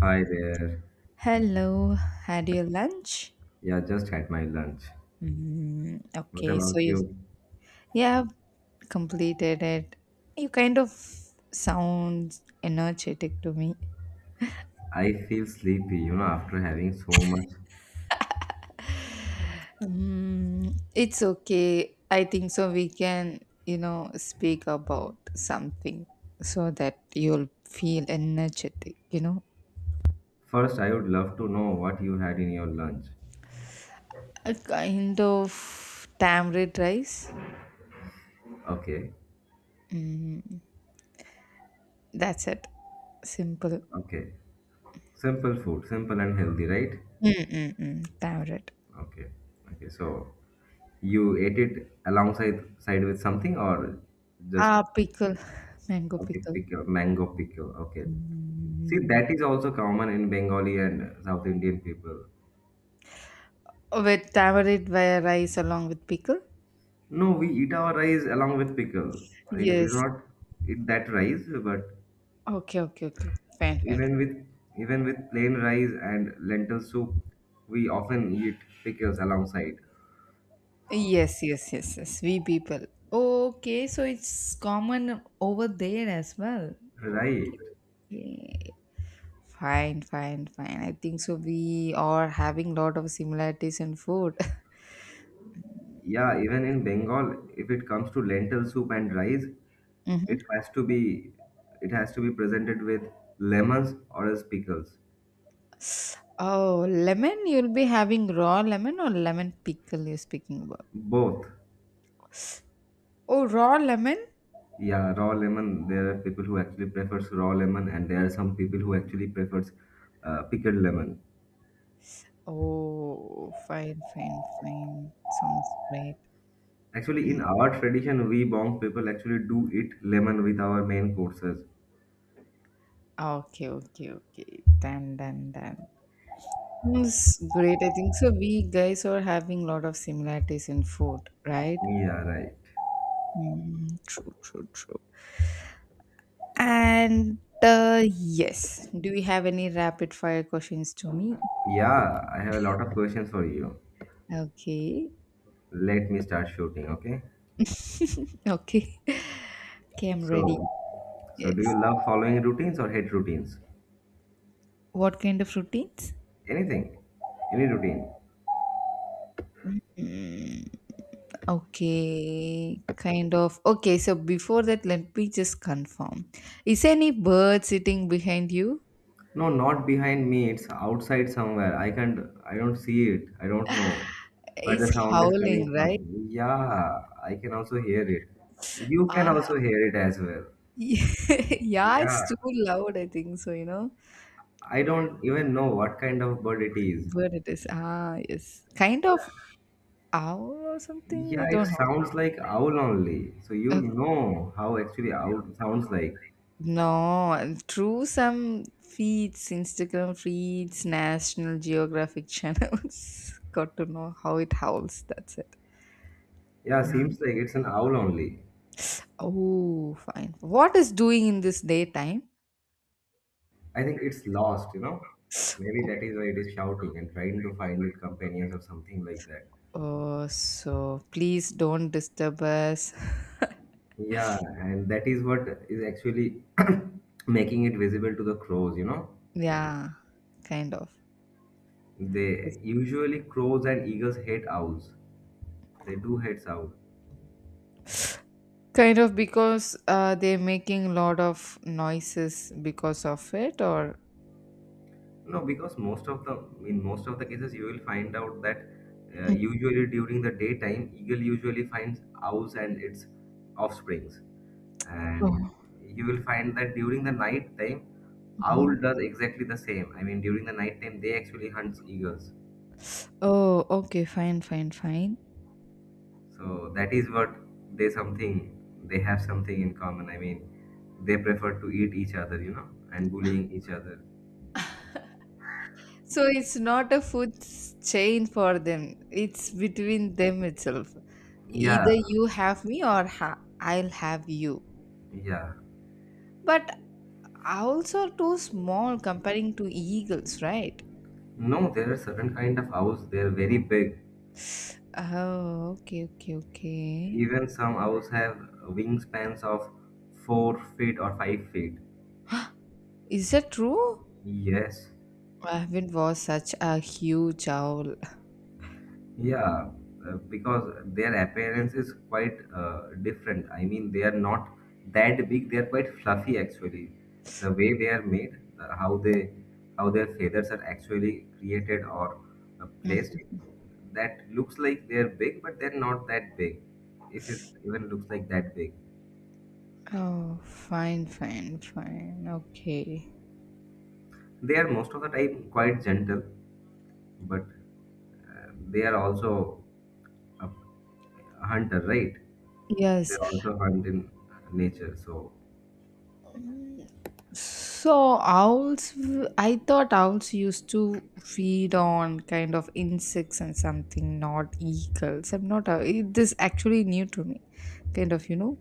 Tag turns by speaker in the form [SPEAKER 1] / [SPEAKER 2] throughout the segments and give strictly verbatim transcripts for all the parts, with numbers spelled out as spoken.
[SPEAKER 1] Hi there.
[SPEAKER 2] Hello, had your lunch?
[SPEAKER 1] Yeah, just had my lunch.
[SPEAKER 2] Mm,
[SPEAKER 1] What
[SPEAKER 2] okay, so
[SPEAKER 1] about
[SPEAKER 2] you
[SPEAKER 1] you?
[SPEAKER 2] you have completed it. You kind of sound energetic to me.
[SPEAKER 1] I feel sleepy, you know, after having so much.
[SPEAKER 2] Mm, it's okay. I think so. We can, you know, speak about something so that you'll feel energetic, you know.
[SPEAKER 1] First, I would love to know what you had in your lunch.
[SPEAKER 2] A kind of tamarind rice.
[SPEAKER 1] Okay,
[SPEAKER 2] Mm, that's it. Simple.
[SPEAKER 1] okay. Simple food, simple and healthy, right?
[SPEAKER 2] Mm-mm-mm, tamarind.
[SPEAKER 1] Okay, okay. So, you ate it alongside side with something or just,
[SPEAKER 2] Ah, pickle. Mango
[SPEAKER 1] okay,
[SPEAKER 2] pickle.
[SPEAKER 1] pickle, mango pickle. Okay. See,
[SPEAKER 2] Mm.
[SPEAKER 1] that is also common in Bengali and South Indian people.
[SPEAKER 2] With tamarind via rice along with pickle?
[SPEAKER 1] No, we eat our rice along with pickle. I mean, we
[SPEAKER 2] Yes.
[SPEAKER 1] do not eat that rice, but
[SPEAKER 2] Okay, okay, okay. Fine, fine.
[SPEAKER 1] even with even with plain rice and lentil soup, we often eat pickles alongside.
[SPEAKER 2] Yes, yes, yes, yes. We people. Okay, so it's common over there as well.
[SPEAKER 1] Right.
[SPEAKER 2] Okay, okay. Fine, fine, fine. I think so. We are having lot of similarities in food.
[SPEAKER 1] Yeah, even in Bengal, if it comes to lentil soup and rice, it
[SPEAKER 2] Hmm.
[SPEAKER 1] has to be it has to be presented with lemons or as pickles.
[SPEAKER 2] Oh, lemon. You'll be having raw lemon or lemon pickle you're speaking about?
[SPEAKER 1] Both.
[SPEAKER 2] Oh, raw lemon?
[SPEAKER 1] Yeah, raw lemon. There are people who actually prefers raw lemon, and there are some people who actually prefers uh, pickled lemon.
[SPEAKER 2] Oh, fine, fine, fine. Sounds great.
[SPEAKER 1] Actually, in our tradition, we Bong people actually do eat lemon with our main courses.
[SPEAKER 2] Ah, okay, okay, okay. Done, done, done. Sounds great. I think so. We guys are having a lot of similarities in food, right?
[SPEAKER 1] Yeah, right.
[SPEAKER 2] Mm, true, true, true. And uh, yes, do you have any rapid fire questions to me?
[SPEAKER 1] Yeah, I have a lot of questions for you.
[SPEAKER 2] Okay,
[SPEAKER 1] Let me start shooting, okay?
[SPEAKER 2] okay, okay. I'm ready.
[SPEAKER 1] So, so
[SPEAKER 2] Yes.
[SPEAKER 1] do you love following routines or hate routines?
[SPEAKER 2] What kind of routines?
[SPEAKER 1] Anything? Any routine?
[SPEAKER 2] Mm. Okay, kind of. Okay, so before that, let me just confirm. Is any bird sitting behind you?
[SPEAKER 1] No, not behind me. It's outside somewhere. I can't. I don't see it. I don't know where
[SPEAKER 2] It's
[SPEAKER 1] the sound is coming
[SPEAKER 2] howling, right?
[SPEAKER 1] from. Yeah, I can also hear it. You can
[SPEAKER 2] Ah,
[SPEAKER 1] also hear it as well.
[SPEAKER 2] yeah,
[SPEAKER 1] Yeah.
[SPEAKER 2] it's too loud, I think so, you know.
[SPEAKER 1] I don't even know what kind of bird it is.
[SPEAKER 2] Bird it is. Ah, yes. Kind of owl or something?
[SPEAKER 1] Yeah,
[SPEAKER 2] I
[SPEAKER 1] it
[SPEAKER 2] don't know.
[SPEAKER 1] sounds like owl only. So you
[SPEAKER 2] Uh,
[SPEAKER 1] know how actually owl sounds like.
[SPEAKER 2] no, through some feeds, Instagram feeds, National Geographic channels, got to know how it howls. That's it.
[SPEAKER 1] Yeah,
[SPEAKER 2] Mm.
[SPEAKER 1] seems like it's an owl only.
[SPEAKER 2] Oh, fine. What is doing in this daytime?
[SPEAKER 1] I think it's lost, you know. Maybe that is why it is shouting and trying to find its companions or something like that.
[SPEAKER 2] Oh, uh, so please don't disturb us.
[SPEAKER 1] Yeah, and that is what is actually making it visible to the crows, you know.
[SPEAKER 2] Yeah, kind of.
[SPEAKER 1] They usually crows and eagles hate owls. They do hate owls.
[SPEAKER 2] Kind of because uh, they're making a lot of noises because of it, or.
[SPEAKER 1] No, because most of the in most of the cases you will find out that uh, usually during the daytime eagle usually finds owls and its offsprings, and
[SPEAKER 2] Oh.
[SPEAKER 1] you will find that during the night time owl
[SPEAKER 2] Mhm.
[SPEAKER 1] does exactly the same. I mean during the night time they actually hunts eagles,
[SPEAKER 2] Oh, okay, fine, fine, fine.
[SPEAKER 1] so that is what they something they have something in common. I mean they prefer to eat each other, you know, and bullying each other.
[SPEAKER 2] So it's not a food s- chain for them. It's between them itself.
[SPEAKER 1] Yeah,
[SPEAKER 2] Either you have me or ha- I'll have you.
[SPEAKER 1] yeah.
[SPEAKER 2] But also too small comparing to eagles, right?
[SPEAKER 1] No, there are certain kind of owls. They're very big.
[SPEAKER 2] Oh, okay, okay, okay.
[SPEAKER 1] Even some owls have wingspans of four feet or five feet.
[SPEAKER 2] Is that true?
[SPEAKER 1] Yes,
[SPEAKER 2] I haven't watched such a huge owl.
[SPEAKER 1] yeah, uh, because their appearance is quite uh, different. I mean, they are not that big. They are quite fluffy actually. The way they are made, uh, how they, how their feathers are actually created or uh, placed, that looks like they are big, but they're not that big. If it even looks like that big,
[SPEAKER 2] Oh, fine, fine, fine. Okay.
[SPEAKER 1] they are most of the time quite gentle, but they are also a, a hunter, right? They
[SPEAKER 2] Yes.
[SPEAKER 1] also hunt in nature, so
[SPEAKER 2] So owls, w- I thought owls used to feed on kind of insects and something, not eagles. I'm not. a- it- This actually new to me. Kind of, you know,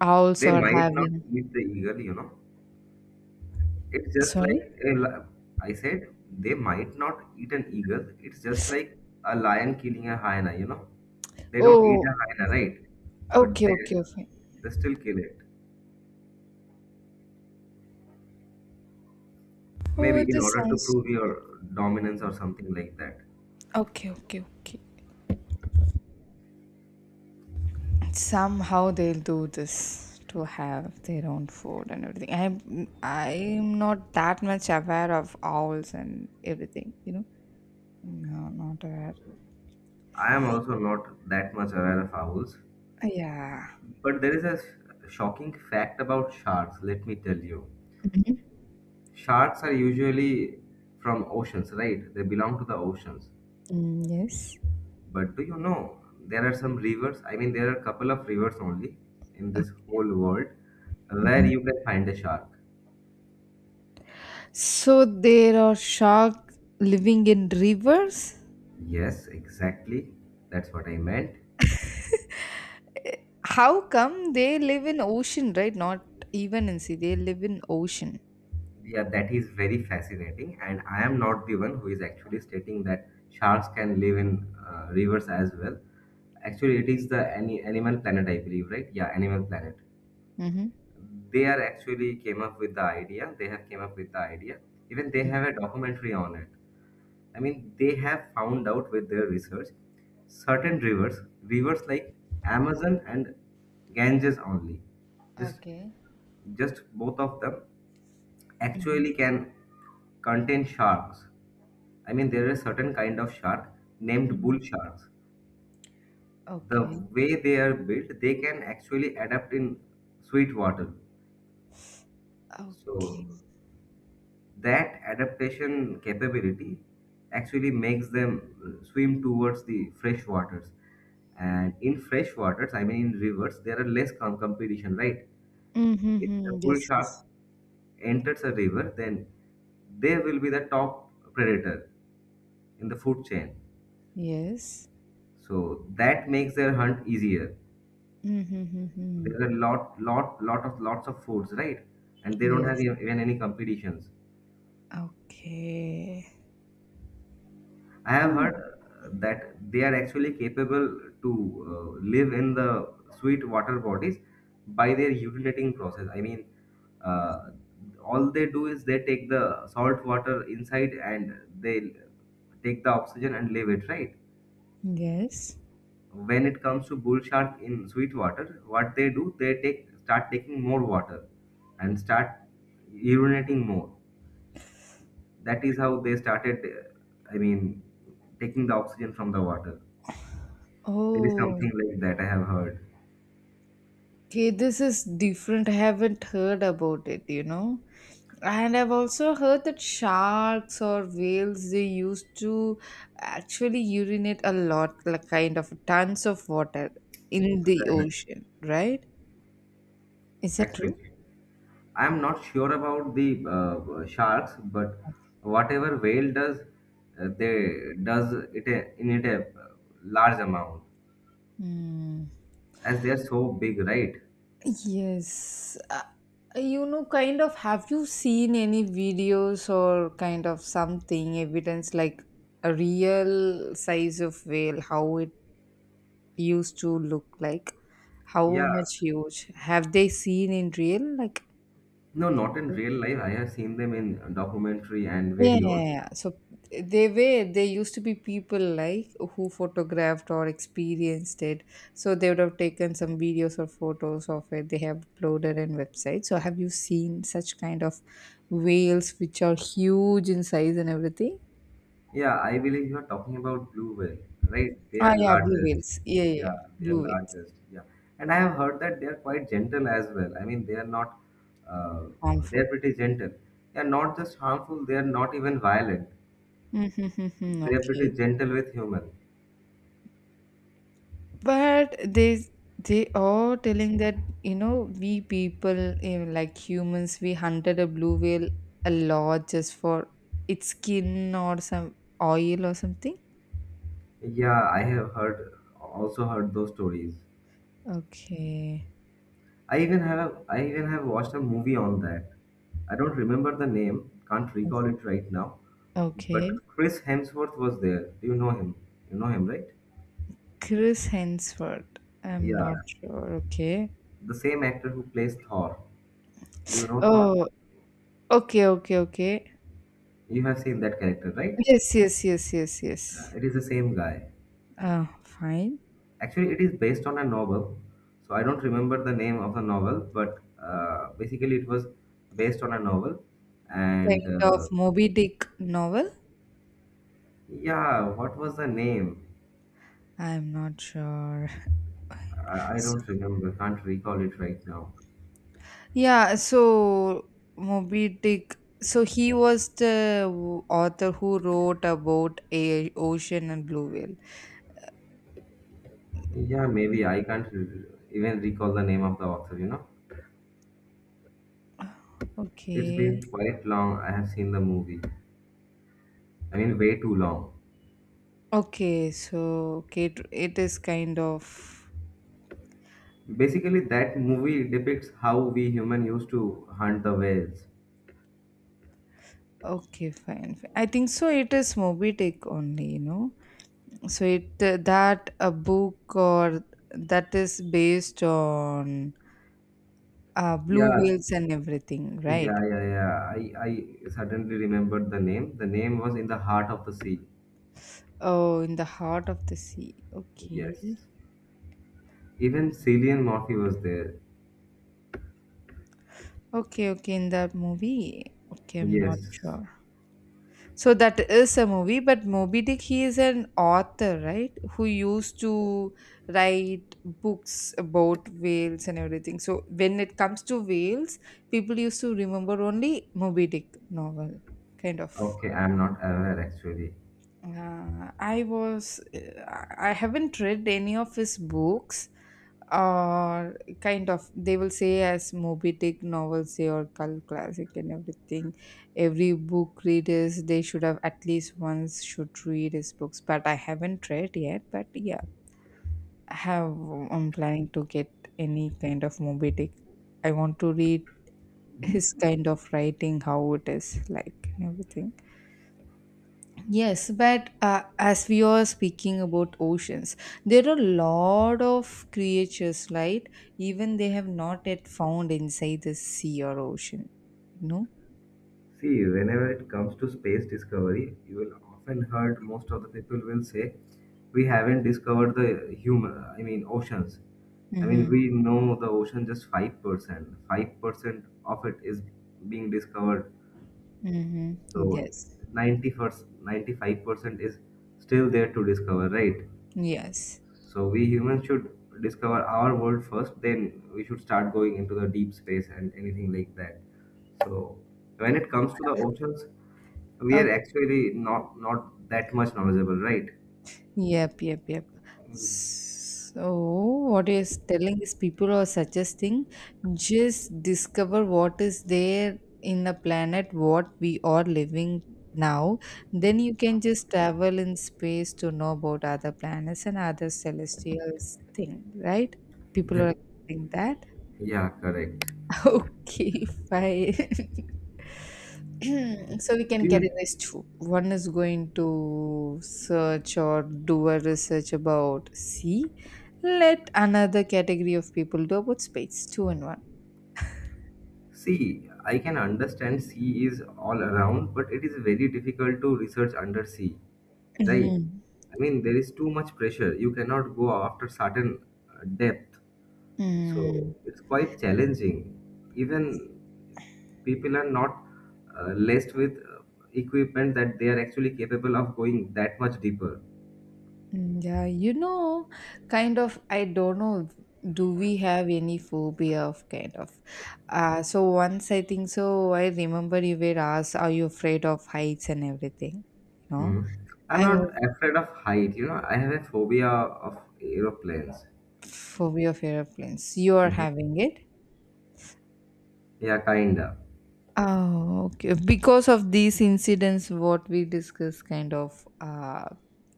[SPEAKER 2] owls
[SPEAKER 1] they
[SPEAKER 2] are
[SPEAKER 1] might not
[SPEAKER 2] having.
[SPEAKER 1] eat the eagle. You know, it's just
[SPEAKER 2] Sorry.
[SPEAKER 1] like a, li- I said, they might not eat an eagle. It's just like a lion killing a hyena. You know, they don't eat
[SPEAKER 2] Oh,
[SPEAKER 1] a hyena, right? But
[SPEAKER 2] okay,
[SPEAKER 1] they
[SPEAKER 2] okay, okay.
[SPEAKER 1] they still kill it.
[SPEAKER 2] Oh,
[SPEAKER 1] Maybe in
[SPEAKER 2] this
[SPEAKER 1] order to
[SPEAKER 2] sounds
[SPEAKER 1] prove your dominance or something like that.
[SPEAKER 2] okay, okay, okay. Somehow they'll do this to have their own food and everything. I'm I'm not that much aware of owls and everything, you know. No, not aware.
[SPEAKER 1] I am also not that much aware of owls.
[SPEAKER 2] Yeah.
[SPEAKER 1] But there is a sh- shocking fact about sharks, let me tell you.
[SPEAKER 2] Mhm.
[SPEAKER 1] Sharks are usually from oceans, right? They belong to the oceans.
[SPEAKER 2] Mm, yes.
[SPEAKER 1] But do you know there are some rivers? I mean, there are a couple of rivers only in this whole world where
[SPEAKER 2] Mhm.
[SPEAKER 1] you can find a shark.
[SPEAKER 2] So there are sharks living in rivers.
[SPEAKER 1] Yes, exactly. That's what I meant.
[SPEAKER 2] How come they live in ocean, right? Not even in sea. They live in ocean.
[SPEAKER 1] Yeah, that is very fascinating. And I am not the one who is actually stating that sharks can live in uh, rivers as well. Actually, it is the any Animal Planet, I believe, right? Yeah, Animal Planet.
[SPEAKER 2] Mm-hmm.
[SPEAKER 1] They are actually came up with the idea. They have came up with the idea. Even they have a documentary on it. I mean, they have found out with their research certain rivers, rivers like Amazon and Ganges only. Just,
[SPEAKER 2] Okay.
[SPEAKER 1] just both of them
[SPEAKER 2] Mhm.
[SPEAKER 1] actually can contain sharks. I mean, there is certain kind of shark named bull sharks. The
[SPEAKER 2] Okay.
[SPEAKER 1] way they are built, they can actually adapt in sweet water. So
[SPEAKER 2] Okay.
[SPEAKER 1] that adaptation capability actually makes them uh, swim towards the fresh waters. And in fresh waters, I mean in rivers, there are less com- competition, right? If a
[SPEAKER 2] Mm-hmm.
[SPEAKER 1] bull
[SPEAKER 2] Yes,
[SPEAKER 1] shark
[SPEAKER 2] yes.
[SPEAKER 1] enters a river, then they will be the top predator in the food chain.
[SPEAKER 2] Yes.
[SPEAKER 1] So that makes their hunt easier.
[SPEAKER 2] Mm-hmm.
[SPEAKER 1] There are lot, lot, lot of lots of foods, right? And they don't have
[SPEAKER 2] Yes.
[SPEAKER 1] e-, even any competitions.
[SPEAKER 2] Okay.
[SPEAKER 1] I have
[SPEAKER 2] Mm.
[SPEAKER 1] heard uh, that they are actually capable to uh, live in the sweet water bodies by their urinating process. I mean, uh, all they do is they take the salt water inside and they take the oxygen and leave it, right?
[SPEAKER 2] Yes.
[SPEAKER 1] When it comes to bull shark in sweet water, what they do, they take start taking more water and start urinating more. That is how they started. uh, I mean, taking the oxygen from the water. There is
[SPEAKER 2] Oh,
[SPEAKER 1] something like that I have heard.
[SPEAKER 2] okay. This is different. I haven't heard about it, you know. And I've also heard that sharks or whales they used to actually urinate a lot, like kind of tons of water in the
[SPEAKER 1] Right.
[SPEAKER 2] ocean, right? Is that true?
[SPEAKER 1] Actually, I am not sure about the uh, sharks, but whatever whale does, uh, they does it a- in it a large amount
[SPEAKER 2] Hmm.
[SPEAKER 1] as they are so big, right?
[SPEAKER 2] Yes. Uh, you know, kind of, have you seen any videos or kind of something, evidence like a real size of whale, how it used to look like? How
[SPEAKER 1] Yeah,
[SPEAKER 2] much huge? Have they seen in real? Like,
[SPEAKER 1] no, not in real life. I have seen them in documentary and
[SPEAKER 2] yeah, yeah,
[SPEAKER 1] videos.
[SPEAKER 2] yeah. So they were there used to be people like who photographed or experienced it. So they would have taken some videos or photos of it. They have uploaded in websites. So have you seen such kind of whales which are huge in size and everything?
[SPEAKER 1] Yeah, I believe you are talking about blue whale, right? They
[SPEAKER 2] Ah,
[SPEAKER 1] are
[SPEAKER 2] yeah, blue
[SPEAKER 1] largest.
[SPEAKER 2] whales. Yeah, yeah,
[SPEAKER 1] Yeah,
[SPEAKER 2] yeah.
[SPEAKER 1] they are
[SPEAKER 2] Blue whales.
[SPEAKER 1] largest. Yeah, and I have heard that they are quite gentle as well. I mean, they are not. Uh, they
[SPEAKER 2] Harmful.
[SPEAKER 1] are pretty gentle. They are not just harmful. They are not even violent.
[SPEAKER 2] Mm-hmm.
[SPEAKER 1] They are pretty
[SPEAKER 2] Okay.
[SPEAKER 1] gentle with human.
[SPEAKER 2] But they they are telling that you know we people eh, like humans we hunted a blue whale a lot just for its skin or some oil or something.
[SPEAKER 1] Yeah, I have heard also heard those stories.
[SPEAKER 2] Okay.
[SPEAKER 1] I even have I even have watched a movie on that. I don't remember the name, can't recall it right now,
[SPEAKER 2] Okay.
[SPEAKER 1] but Chris Hemsworth was there. Do you know him? You know him, right?
[SPEAKER 2] Chris Hemsworth, I'm not
[SPEAKER 1] Yeah,
[SPEAKER 2] sure. Okay.
[SPEAKER 1] the same actor who plays Thor. Do you know Thor?
[SPEAKER 2] Oh, okay, okay, okay.
[SPEAKER 1] You have seen that character, right?
[SPEAKER 2] Yes, yes, yes, yes, yes.
[SPEAKER 1] Uh, it is the same guy.
[SPEAKER 2] Uh, fine.
[SPEAKER 1] Actually, it is based on a novel. So I don't remember the name of the novel, but uh, basically it was based on a novel. And
[SPEAKER 2] Kind of
[SPEAKER 1] uh,
[SPEAKER 2] Moby Dick novel.
[SPEAKER 1] yeah, what was the name?
[SPEAKER 2] I'm not sure.
[SPEAKER 1] I, I don't remember. Can't recall it right now.
[SPEAKER 2] Yeah, so Moby Dick. So he was the w- author who wrote about a ocean and blue whale.
[SPEAKER 1] Yeah, maybe I can't re- even recall the name of the author, you know. It's
[SPEAKER 2] Okay.
[SPEAKER 1] been quite long. I have seen the movie. I mean, way too long.
[SPEAKER 2] Okay, so okay, it it is kind of
[SPEAKER 1] Basically, that movie depicts how we human used to hunt the whales.
[SPEAKER 2] okay, fine, fine. I think so. It is Moby Dick only, you know. So it uh, that a book or that is based on uh, blue
[SPEAKER 1] Yeah,
[SPEAKER 2] whales and everything, right?
[SPEAKER 1] yeah, yeah, yeah. I, I suddenly remembered the name. The name was In the Heart of the Sea.
[SPEAKER 2] Oh, in the heart of the sea. Okay.
[SPEAKER 1] Yes. Even Cillian Murphy was there.
[SPEAKER 2] Okay, okay, in that movie. Okay, I'm not
[SPEAKER 1] Yes.
[SPEAKER 2] sure. So that is a movie, but Moby Dick, he is an author, right? Who used to write books about whales and everything. So when it comes to whales, people used to remember only Moby Dick novel, kind of.
[SPEAKER 1] Okay, I'm not aware actually.
[SPEAKER 2] Uh, I was I I haven't read any of his books or kind of they will say as Moby Dick novels say or cult classic and everything. Every book readers they should have at least once should read his books, but I haven't read yet. But yeah, I have I'm planning to get any kind of Moby Dick. I want to read his kind of writing, how it is like and everything. Yes, but uh, as we are speaking about oceans, there are a lot of creatures, right? Even they have not yet found inside the sea or ocean. You know?
[SPEAKER 1] See, whenever it comes to space discovery, you will often heard most of the people will say, "We haven't discovered the human, I mean, oceans." I
[SPEAKER 2] Mm-hmm.
[SPEAKER 1] mean, we know the ocean just five percent. five percent of it is being discovered.
[SPEAKER 2] Mm-hmm.
[SPEAKER 1] So
[SPEAKER 2] Yes.
[SPEAKER 1] ninety first, ninety-five percent is still there to discover, right?
[SPEAKER 2] Yes.
[SPEAKER 1] So we humans should discover our world first, then we should start going into the deep space and anything like that. So when it comes to the oceans, we are
[SPEAKER 2] Okay.
[SPEAKER 1] actually not not that much knowledgeable, right?
[SPEAKER 2] Yep, yep, yep. So, what you're telling is people are suggesting just discover what is there in the planet, what we are living now. Then you can just travel in space to know about other planets and other celestials thing, right? People
[SPEAKER 1] That
[SPEAKER 2] are saying that.
[SPEAKER 1] yeah, correct.
[SPEAKER 2] Okay, fine. So we can
[SPEAKER 1] Do you
[SPEAKER 2] carry this too. One is going to search or do a research about sea. Let another category of people do about space. Two in one.
[SPEAKER 1] see? I can understand sea is all around, but it is very difficult to research under sea, right?
[SPEAKER 2] Mhm.
[SPEAKER 1] I mean, there is too much pressure. You cannot go after certain uh, depth. So
[SPEAKER 2] Mm.
[SPEAKER 1] it's quite challenging. Even people are not uh, laced with uh, equipment that they are actually capable of going that much deeper.
[SPEAKER 2] Mm, yeah, you know, kind of, I don't know, do we have any phobia of kind of? Uh, so once I think so, I remember you were asked, are you afraid of heights and everything? You know,
[SPEAKER 1] Mhm. I'm
[SPEAKER 2] I was
[SPEAKER 1] not afraid of height. You know, I have a phobia of aeroplanes.
[SPEAKER 2] phobia of airplanes. You are
[SPEAKER 1] Mhm.
[SPEAKER 2] having it?
[SPEAKER 1] Yeah, kinda.
[SPEAKER 2] Oh, okay. Because of these incidents, what we discuss kind of uh,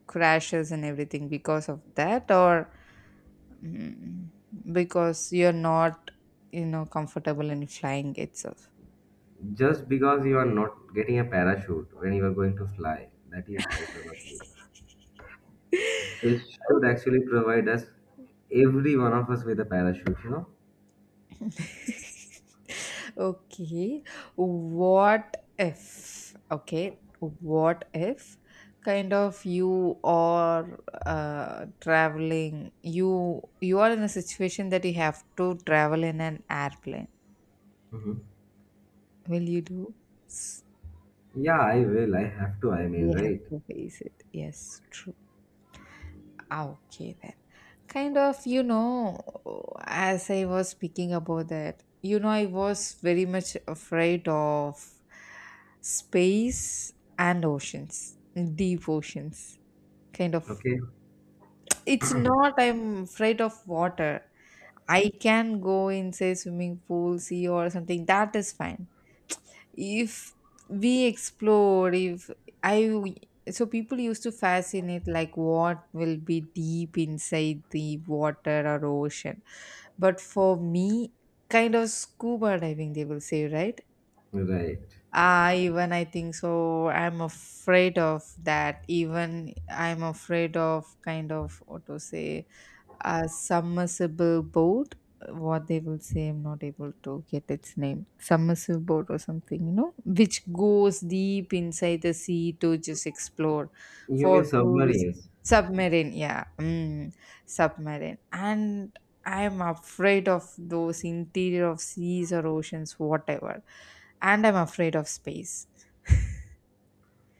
[SPEAKER 2] crashes and everything, because of that, or mm, because you're not, you know, comfortable in flying itself.
[SPEAKER 1] Just because you are not getting a parachute when you are going to fly, that is why probably they should
[SPEAKER 2] Oh.
[SPEAKER 1] actually provide us every one of us with a parachute. You know.
[SPEAKER 2] Okay. What if? Okay. What if kind of you are uh, traveling you you are in a situation that you have to travel in an airplane.
[SPEAKER 1] Mhm.
[SPEAKER 2] Will you do? S-
[SPEAKER 1] Yeah, I will. I have to. I mean,
[SPEAKER 2] We have
[SPEAKER 1] right?
[SPEAKER 2] to face it. Yes, true. Ah, okay, then. Kind of, you know, as I was speaking about that, you know, I was very much afraid of space and oceans, deep oceans. Kind of.
[SPEAKER 1] Okay,
[SPEAKER 2] It's not I'm afraid of water. I can go in, say, swimming pool, sea, or something. That is fine if we explore if i w- so people used to fascinate like what will be deep inside the water or ocean but for me kind of scuba diving they will say right.
[SPEAKER 1] right.
[SPEAKER 2] Ah, even I think so I'm afraid of that. Even I'm afraid of kind of what to say, a submersible boat, what they will say. I'm not able to get its name. Submersible boat or something, you know, which goes deep inside the sea to just explore
[SPEAKER 1] You
[SPEAKER 2] for
[SPEAKER 1] mean
[SPEAKER 2] tourists.
[SPEAKER 1] submarines?
[SPEAKER 2] Submarine, yeah. Mm, submarine. And I am afraid of those interior of seas or oceans whatever, and I'm afraid of space.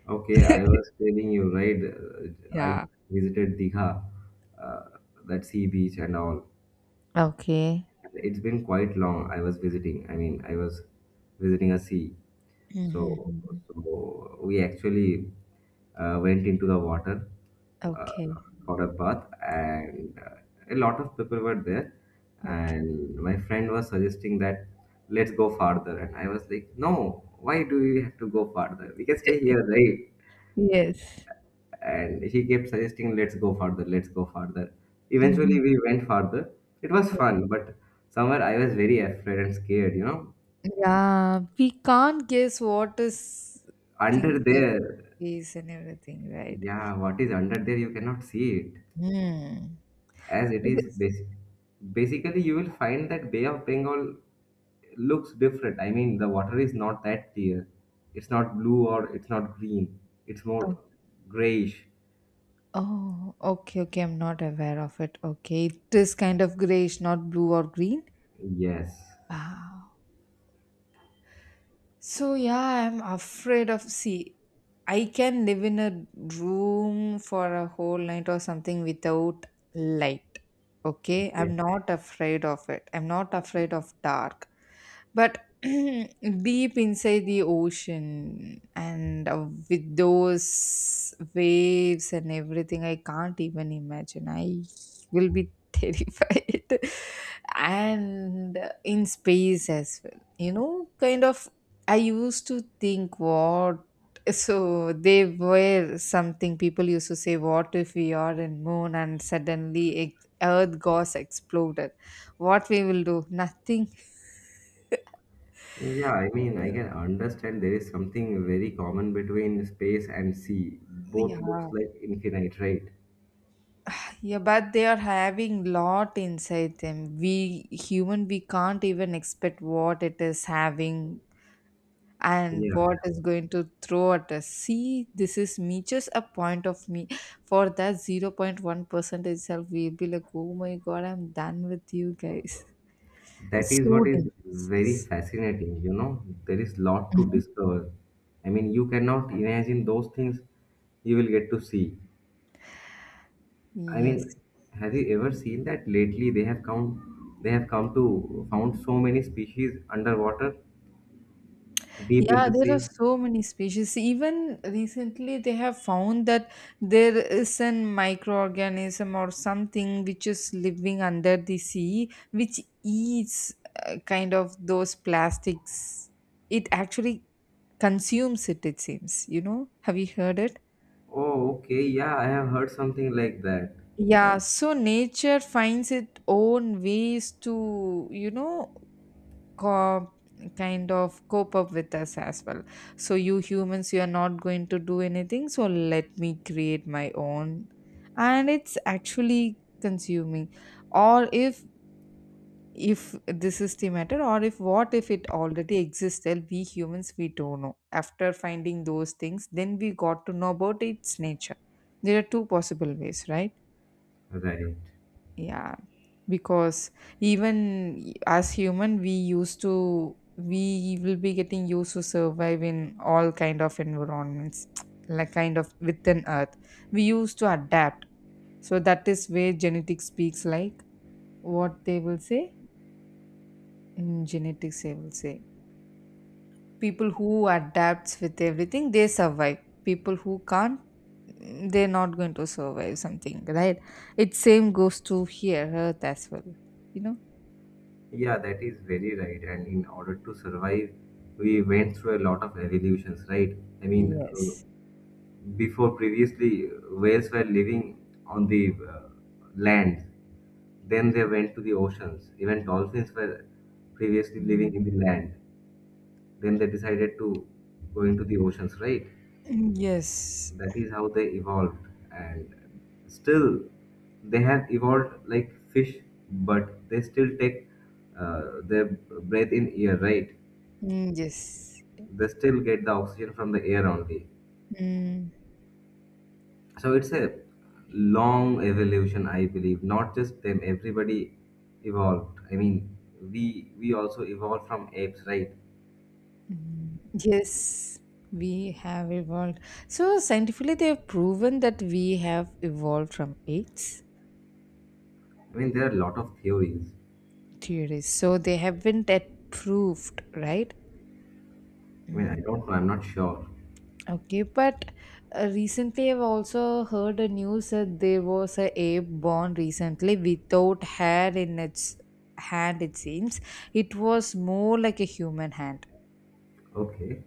[SPEAKER 1] Okay, I was telling you, right? uh, I
[SPEAKER 2] Yeah.
[SPEAKER 1] visited Digha, uh, that sea beach and all.
[SPEAKER 2] Okay.
[SPEAKER 1] It's been quite long. I was visiting. I mean, I was visiting a sea. So,
[SPEAKER 2] Mhm.
[SPEAKER 1] so we actually uh, went into the water
[SPEAKER 2] Okay,
[SPEAKER 1] uh, for a bath, and uh, a lot of people were there.
[SPEAKER 2] okay.
[SPEAKER 1] And my friend was suggesting that let's go farther, and I was like, no, why do we have to go farther? We can stay here, right?
[SPEAKER 2] Yes.
[SPEAKER 1] And he kept suggesting, let's go further, let's go further. Eventually
[SPEAKER 2] Mhm.
[SPEAKER 1] we went further. It was fun, but somewhere I was very afraid and scared you know
[SPEAKER 2] Yeah, we can't guess what is things
[SPEAKER 1] Under
[SPEAKER 2] with
[SPEAKER 1] there.
[SPEAKER 2] these and everything, right?
[SPEAKER 1] Yeah, what is under there, you cannot see it.
[SPEAKER 2] Hmm.
[SPEAKER 1] As it
[SPEAKER 2] It
[SPEAKER 1] is
[SPEAKER 2] is.
[SPEAKER 1] basic basically you will find that Bay of Bengal looks different. I mean, the water is not that clear. It's not blue or it's not green. It's more
[SPEAKER 2] Oh,
[SPEAKER 1] grayish.
[SPEAKER 2] oh, okay, okay. I'm not aware of it. Okay, it is kind of grayish, not blue or green.
[SPEAKER 1] Yes.
[SPEAKER 2] Wow. So yeah, I'm afraid of. See, I can live in a room for a whole night or something without light. Okay,
[SPEAKER 1] Okay.
[SPEAKER 2] I'm not afraid of it. I'm not afraid of dark. But deep inside the ocean and uh, with those waves and everything, I can't even imagine. I will be terrified. And in space as well, you know, kind of I used to think what. So they were something people used to say, what if we are in moon and suddenly ex- earth goes exploded? What we will do? Nothing.
[SPEAKER 1] Yeah, I mean, I can understand there is something very common between space and sea.
[SPEAKER 2] Yeah,
[SPEAKER 1] Both looks like infinite, right?
[SPEAKER 2] yeah, but they are having lot inside them. We human, we can't even expect what it is having and
[SPEAKER 1] Yeah,
[SPEAKER 2] what is going to throw at us. See, this is me, just a point of me. For that zero point one percent itself, we'll be like, oh my god, I'm done with you guys.
[SPEAKER 1] that
[SPEAKER 2] It's
[SPEAKER 1] is
[SPEAKER 2] so
[SPEAKER 1] what is
[SPEAKER 2] dangerous.
[SPEAKER 1] very
[SPEAKER 2] Yes.
[SPEAKER 1] fascinating, you know. There is lot to
[SPEAKER 2] Mhm.
[SPEAKER 1] discover. I mean, you cannot imagine those things you will get to see. I
[SPEAKER 2] Yes.
[SPEAKER 1] mean, have you ever seen that lately they have come they have come to found so many species underwater, deep in
[SPEAKER 2] Yeah,
[SPEAKER 1] the
[SPEAKER 2] there are
[SPEAKER 1] sea?
[SPEAKER 2] so many species. Even recently, they have found that there is an microorganism or something which is living under the sea, which eats uh, kind of those plastics. It actually consumes it, it seems. You know, have you heard it?
[SPEAKER 1] Oh, okay, yeah, I have heard something like that.
[SPEAKER 2] Yeah, so nature finds its own ways to, you know, co- kind of cope up with us as well, so you humans, you are not going to do anything, so let me create my own. And it's actually consuming, or if if this is the matter, or if what if it already existed, we humans, we don't know. After finding those things, then we got to know about its nature. There are two possible ways, right?
[SPEAKER 1] Right.
[SPEAKER 2] Yeah. Because even as human, we used to we will be getting used to survive in all kind of environments like kind of within earth. We used to adapt. So that is where genetics speaks, like what they will say. In genetics, they will say people who adapts with everything, they survive. People who can't, mm, they're not going to survive something, right? It same goes to here earth as well you know
[SPEAKER 1] Yeah, that is very right. And in order to survive, we went through a lot of evolutions, right? I mean, uh,
[SPEAKER 2] yes.
[SPEAKER 1] before previously, uh, whales were living on the uh, land. Then they went to the oceans. Even dolphins were previously
[SPEAKER 2] Mm.
[SPEAKER 1] living in the land. Then they decided to go into the oceans, right?
[SPEAKER 2] Yes.
[SPEAKER 1] That is how they evolved, and still they have evolved like fish, but they still take uh, their breath in air, right?
[SPEAKER 2] Mm, yes.
[SPEAKER 1] They still get the oxygen from the air only.
[SPEAKER 2] Mm,
[SPEAKER 1] So it's a long evolution, I believe. Not just them, everybody evolved. I mean, we we also evolved from apes, right?
[SPEAKER 2] mm, yes, we have evolved. So, scientifically, they have proven that we have evolved from apes
[SPEAKER 1] I mean, there are a lot of theories.
[SPEAKER 2] theories. So, they haven't yet proved, right?
[SPEAKER 1] I mean, I
[SPEAKER 2] Mm.
[SPEAKER 1] don't know, I'm not sure.
[SPEAKER 2] Okay, but uh, recently I've also heard a news that there was a ape born recently without hair in its hand, it seems. It was more like a human hand.
[SPEAKER 1] Okay.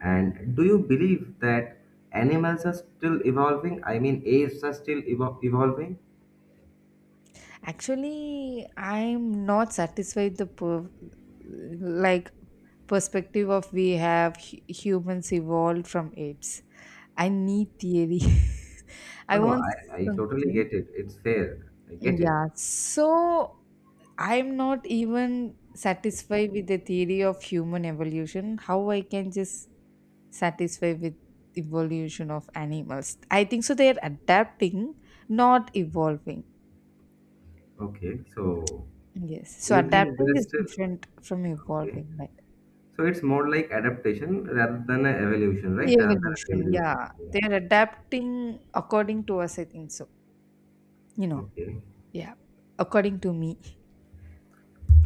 [SPEAKER 1] And do you believe that animals are still evolving? I mean, apes are still evo- evolving?
[SPEAKER 2] Actually, I'm not satisfied the per- like perspective of we have hu- humans evolved from apes. I need theory. I
[SPEAKER 1] No, no,
[SPEAKER 2] want
[SPEAKER 1] I, I totally
[SPEAKER 2] something.
[SPEAKER 1] get it. It's fair. I get it.
[SPEAKER 2] Yeah. So I'm not even satisfied with the theory of human evolution. How I can just satisfy with evolution of animals? I think so. They are adapting, not evolving.
[SPEAKER 1] Okay. So
[SPEAKER 2] Yes. So
[SPEAKER 1] you think
[SPEAKER 2] adapting
[SPEAKER 1] they're
[SPEAKER 2] is
[SPEAKER 1] still.
[SPEAKER 2] different from
[SPEAKER 1] Okay.
[SPEAKER 2] evolving, right?
[SPEAKER 1] So it's more like adaptation rather than an evolution, right? Rather than an
[SPEAKER 2] Evolution,
[SPEAKER 1] evolution.
[SPEAKER 2] yeah.
[SPEAKER 1] Yeah.
[SPEAKER 2] They're adapting according to us, I think so. You know,
[SPEAKER 1] Okay.
[SPEAKER 2] yeah. According to me.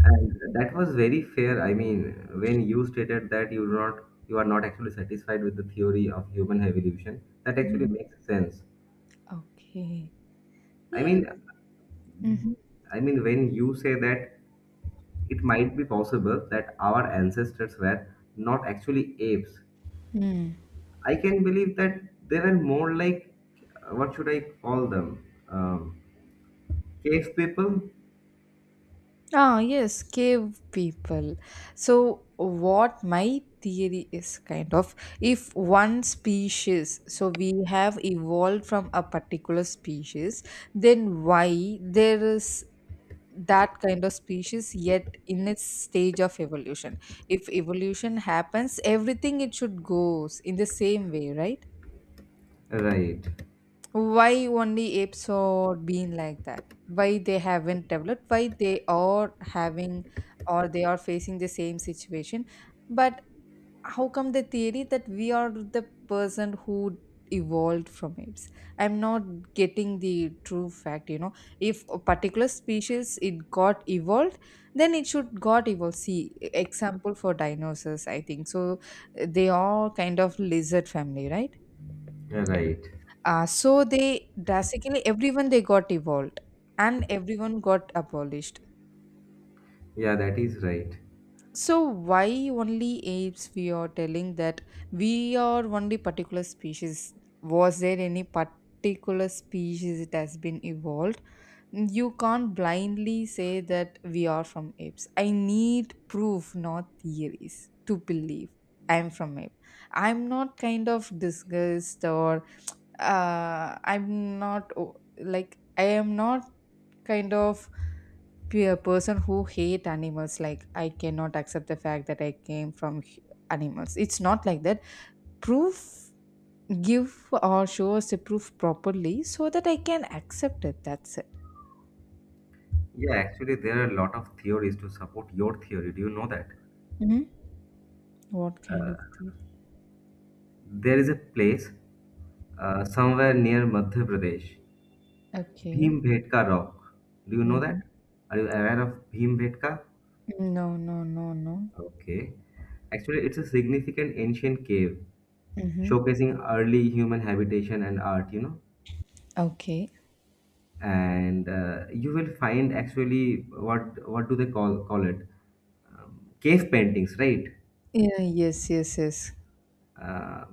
[SPEAKER 1] And that was very fair. I mean, when you stated that you do not you are not actually satisfied with the theory of human evolution, that actually
[SPEAKER 2] Mhm.
[SPEAKER 1] makes sense.
[SPEAKER 2] Okay.
[SPEAKER 1] I
[SPEAKER 2] Yes.
[SPEAKER 1] mean,
[SPEAKER 2] Mm-hmm.
[SPEAKER 1] I mean, when you say that, it might be possible that our ancestors were not actually apes.
[SPEAKER 2] Mm.
[SPEAKER 1] I can believe that they were more like, uh, what should I call them? Um, cave people?
[SPEAKER 2] Ah, yes, cave people. So, what my theory is kind of, if one species, so we have evolved from a particular species, then why there is that kind of species yet in its stage of evolution? If evolution happens, everything it should goes in the same way, right?
[SPEAKER 1] Right,
[SPEAKER 2] Why only apes are being like that? Why they haven't developed? Why they are having, or they are facing the same situation? But how come the theory that we are the person who evolved from apes? I'm not getting the true fact, you know? If a particular species it got evolved, then it should got evolved. See, e-, example for dinosaurs, I think so. eh, they are kind of lizard family, right?
[SPEAKER 1] right.
[SPEAKER 2] uh, so they drastically everyone they got evolved, and everyone got abolished.
[SPEAKER 1] Yeah, that is right.
[SPEAKER 2] So why only apes? We are telling that we are only particular species. Was there any particular species it has been evolved? You can't blindly say that we are from apes. I need proof, not theories, to believe I'm from ape. I'm not kind of disgusted or uh, I'm not o- like I am not kind of pe- a person who hate animals. Like I cannot accept the fact that I came from hu- animals. It's not like that. Proof, give or show us the proof properly so that I can accept it. That's it.
[SPEAKER 1] Yeah, actually, there are a lot of theories to support your theory. Do you know that?
[SPEAKER 2] Hmm. What kind of theory?
[SPEAKER 1] There is a place uh, somewhere near Madhya Pradesh, Bhim
[SPEAKER 2] Okay.
[SPEAKER 1] Bhetka Rock. Do you know
[SPEAKER 2] Hmm.
[SPEAKER 1] that? Are you aware of Bhim Bhetka?
[SPEAKER 2] No, no, no, no.
[SPEAKER 1] Okay. Actually, it's a significant ancient cave
[SPEAKER 2] Mm-hmm.
[SPEAKER 1] showcasing early human habitation and art, you know.
[SPEAKER 2] Okay.
[SPEAKER 1] And uh, you will find actually what what do they call call it? Um, cave paintings, right?
[SPEAKER 2] Yeah, yes, yes, yes.
[SPEAKER 1] Uh,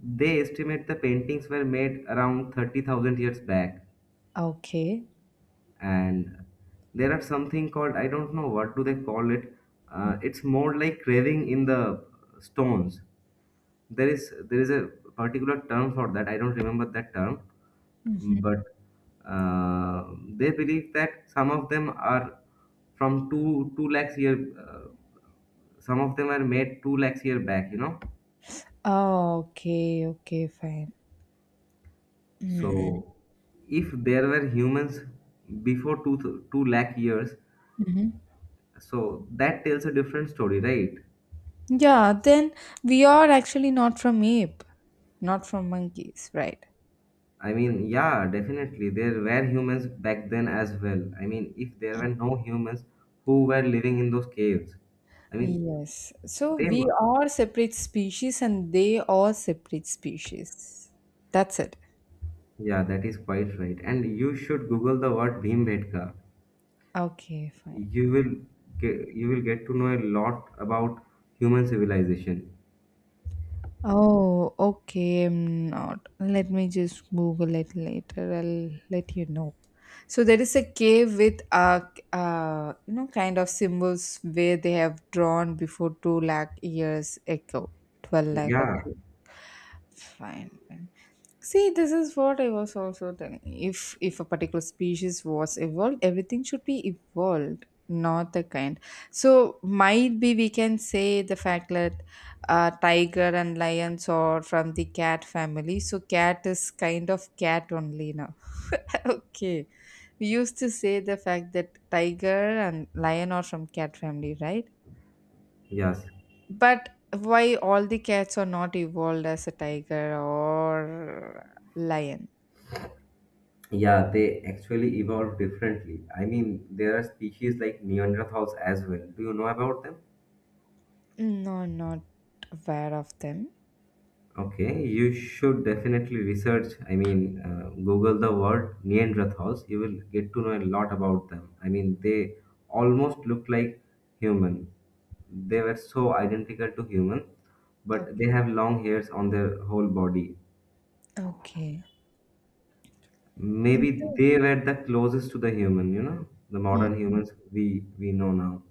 [SPEAKER 1] they estimate the paintings were made around thirty thousand years back.
[SPEAKER 2] Okay.
[SPEAKER 1] And there are something called, I don't know what do they call it. Uh, it's more like carving in the stones, there is there is a particular term for that, I don't remember that term. But uh, they believe that some of them are from 2 2 lakhs year, uh, some of them are made two lakhs year back, you know.
[SPEAKER 2] Oh, okay, okay, fine. Mm.
[SPEAKER 1] So if there were humans before two th- two lakh years,
[SPEAKER 2] Mhm.
[SPEAKER 1] so that tells a different story, right?
[SPEAKER 2] Yeah, then we are actually not from ape, not from monkeys, right?
[SPEAKER 1] I mean, yeah, definitely. There were humans back then as well. I mean, if there were no humans who were living in those caves, I mean,
[SPEAKER 2] Yes. So
[SPEAKER 1] they.
[SPEAKER 2] we
[SPEAKER 1] Mu-
[SPEAKER 2] are separate species and they are separate species. That's it.
[SPEAKER 1] Yeah, that is quite right. And you should Google the word Bhimbetka.
[SPEAKER 2] Okay, fine.
[SPEAKER 1] You will get you will get to know a lot about human civilization.
[SPEAKER 2] Oh, okay. I'm not. Let me just Google it later. I'll let you know. So there is a cave with uh, uh you know kind of symbols where they have drawn before two lakh years ago, twelve lakh or
[SPEAKER 1] Yeah.
[SPEAKER 2] two. Fine, fine. See, this is what I was also telling. If if a particular species was evolved, everything should be evolved, not the kind. So might be we can say the fact that uh, tiger and lions are from the cat family. So cat is kind of cat only now. Okay, we used to say the fact that tiger and lion are from cat family, right?
[SPEAKER 1] Yes.
[SPEAKER 2] But why all the cats are not evolved as a tiger or lion?
[SPEAKER 1] Yeah, they actually evolved differently. I mean, there are species like Neanderthals as well. Do you know about them?
[SPEAKER 2] No, I'm not aware of them.
[SPEAKER 1] Okay, you should definitely research. I mean, uh, Google the word Neanderthals. You will get to know a lot about them. I mean, they almost look like human. They were so identical to human, but
[SPEAKER 2] Okay.
[SPEAKER 1] they have long hairs on their whole body.
[SPEAKER 2] Okay. Mm,
[SPEAKER 1] Maybe
[SPEAKER 2] so-
[SPEAKER 1] they were the closest to the human, you know, the
[SPEAKER 2] Mm,
[SPEAKER 1] modern
[SPEAKER 2] mm.
[SPEAKER 1] humans we we know now.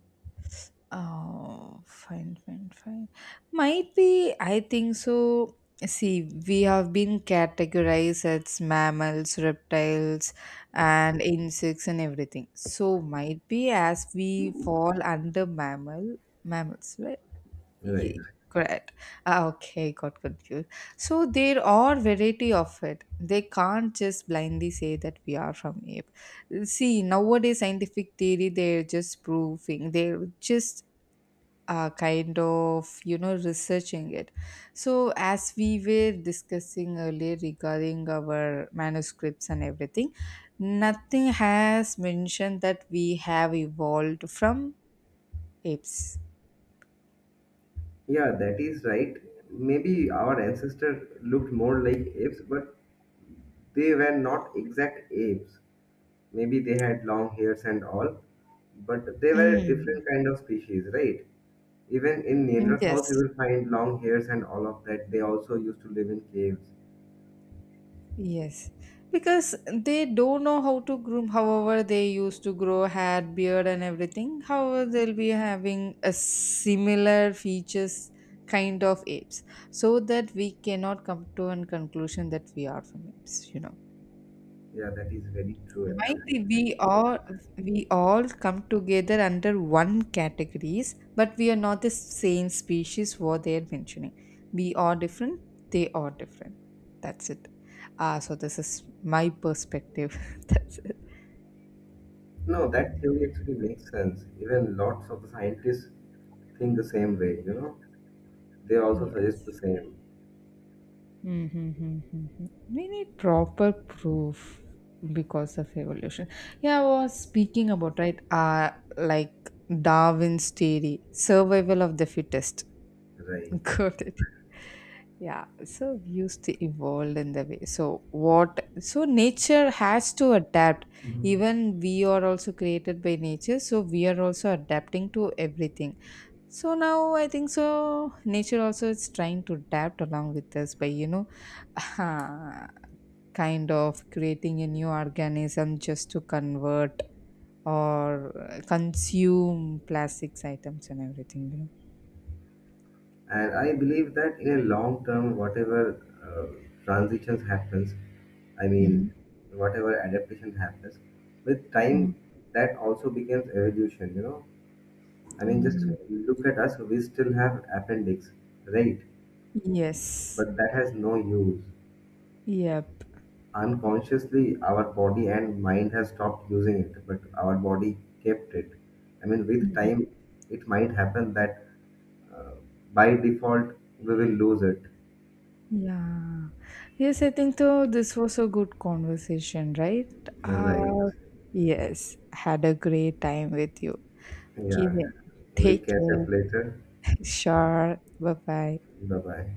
[SPEAKER 2] Oh, fine, fine, fine. Might be, I think so. See, we have been categorized as mammals, reptiles, and insects and everything. So might be as we fall under mammal mammals, right? Ye-
[SPEAKER 1] Right.
[SPEAKER 2] Correct. Ah, okay, got confused. So there are variety of it. They can't just blindly say that we are from ape. See, nowadays scientific theory they're just proving. They're just uh, kind of you know researching it. So as we were discussing earlier regarding our manuscripts and everything, nothing has mentioned that we have evolved from apes.
[SPEAKER 1] Yeah, that is right. Maybe our ancestor looked more like apes, but they were not exact apes. Maybe they had long hairs and all, but they were a
[SPEAKER 2] Mm.
[SPEAKER 1] different kind of species, right? Even in Neanderthals, you
[SPEAKER 2] Yes.
[SPEAKER 1] will find long hairs and all of that. They also used to live in caves.
[SPEAKER 2] Yes, because they don't know how to groom. However, they used to grow hair, beard, and everything. However, they'll be having a similar features kind of apes, so that we cannot come to a conclusion that we are from apes. You know.
[SPEAKER 1] Yeah, that is very true actually.
[SPEAKER 2] Mighty, we all we all come together under one categories, but we are not the same species what they are mentioning. We are different, they are different. That's it. Ah, so this is my perspective. That's it.
[SPEAKER 1] No, that theory actually makes sense. Even lots of the scientists think the same way, you know? They also suggest the
[SPEAKER 2] Yes.
[SPEAKER 1] same.
[SPEAKER 2] Mm-hmm. We need proper proof because of evolution. Yeah, I was speaking about right, uh, like Darwin's theory, survival of the fittest.
[SPEAKER 1] Right.
[SPEAKER 2] Got it. Yeah, so we used to evolve in the way. So what? So nature has to adapt. Even we are also created by nature, so we are also adapting to everything. So now I think so. Nature also is trying to adapt along with us by you know, kind of creating a new organism just to convert or uh, consume plastics items and everything. You know.
[SPEAKER 1] And I believe that in a long term, whatever uh, transitions happens, I mean,
[SPEAKER 2] Mhm.
[SPEAKER 1] whatever adaptation happens with time, that also becomes evolution, you know. I mean, just
[SPEAKER 2] Mhm.
[SPEAKER 1] look at us, we still have appendix, right?
[SPEAKER 2] Yes.
[SPEAKER 1] But that has no use.
[SPEAKER 2] Yep.
[SPEAKER 1] Unconsciously, our body and mind has stopped using it, but our body kept it. I mean, with
[SPEAKER 2] Mhm.
[SPEAKER 1] time, it might happen that uh, by default we will lose it,
[SPEAKER 2] Yeah. Yes, I think though this was a good conversation, right? Uh,
[SPEAKER 1] right?
[SPEAKER 2] yes. Had a great time with you. Keep
[SPEAKER 1] Yeah.
[SPEAKER 2] it.
[SPEAKER 1] We'll
[SPEAKER 2] Take
[SPEAKER 1] catch
[SPEAKER 2] care.
[SPEAKER 1] up later.
[SPEAKER 2] Sure. Bye bye.
[SPEAKER 1] Bye bye.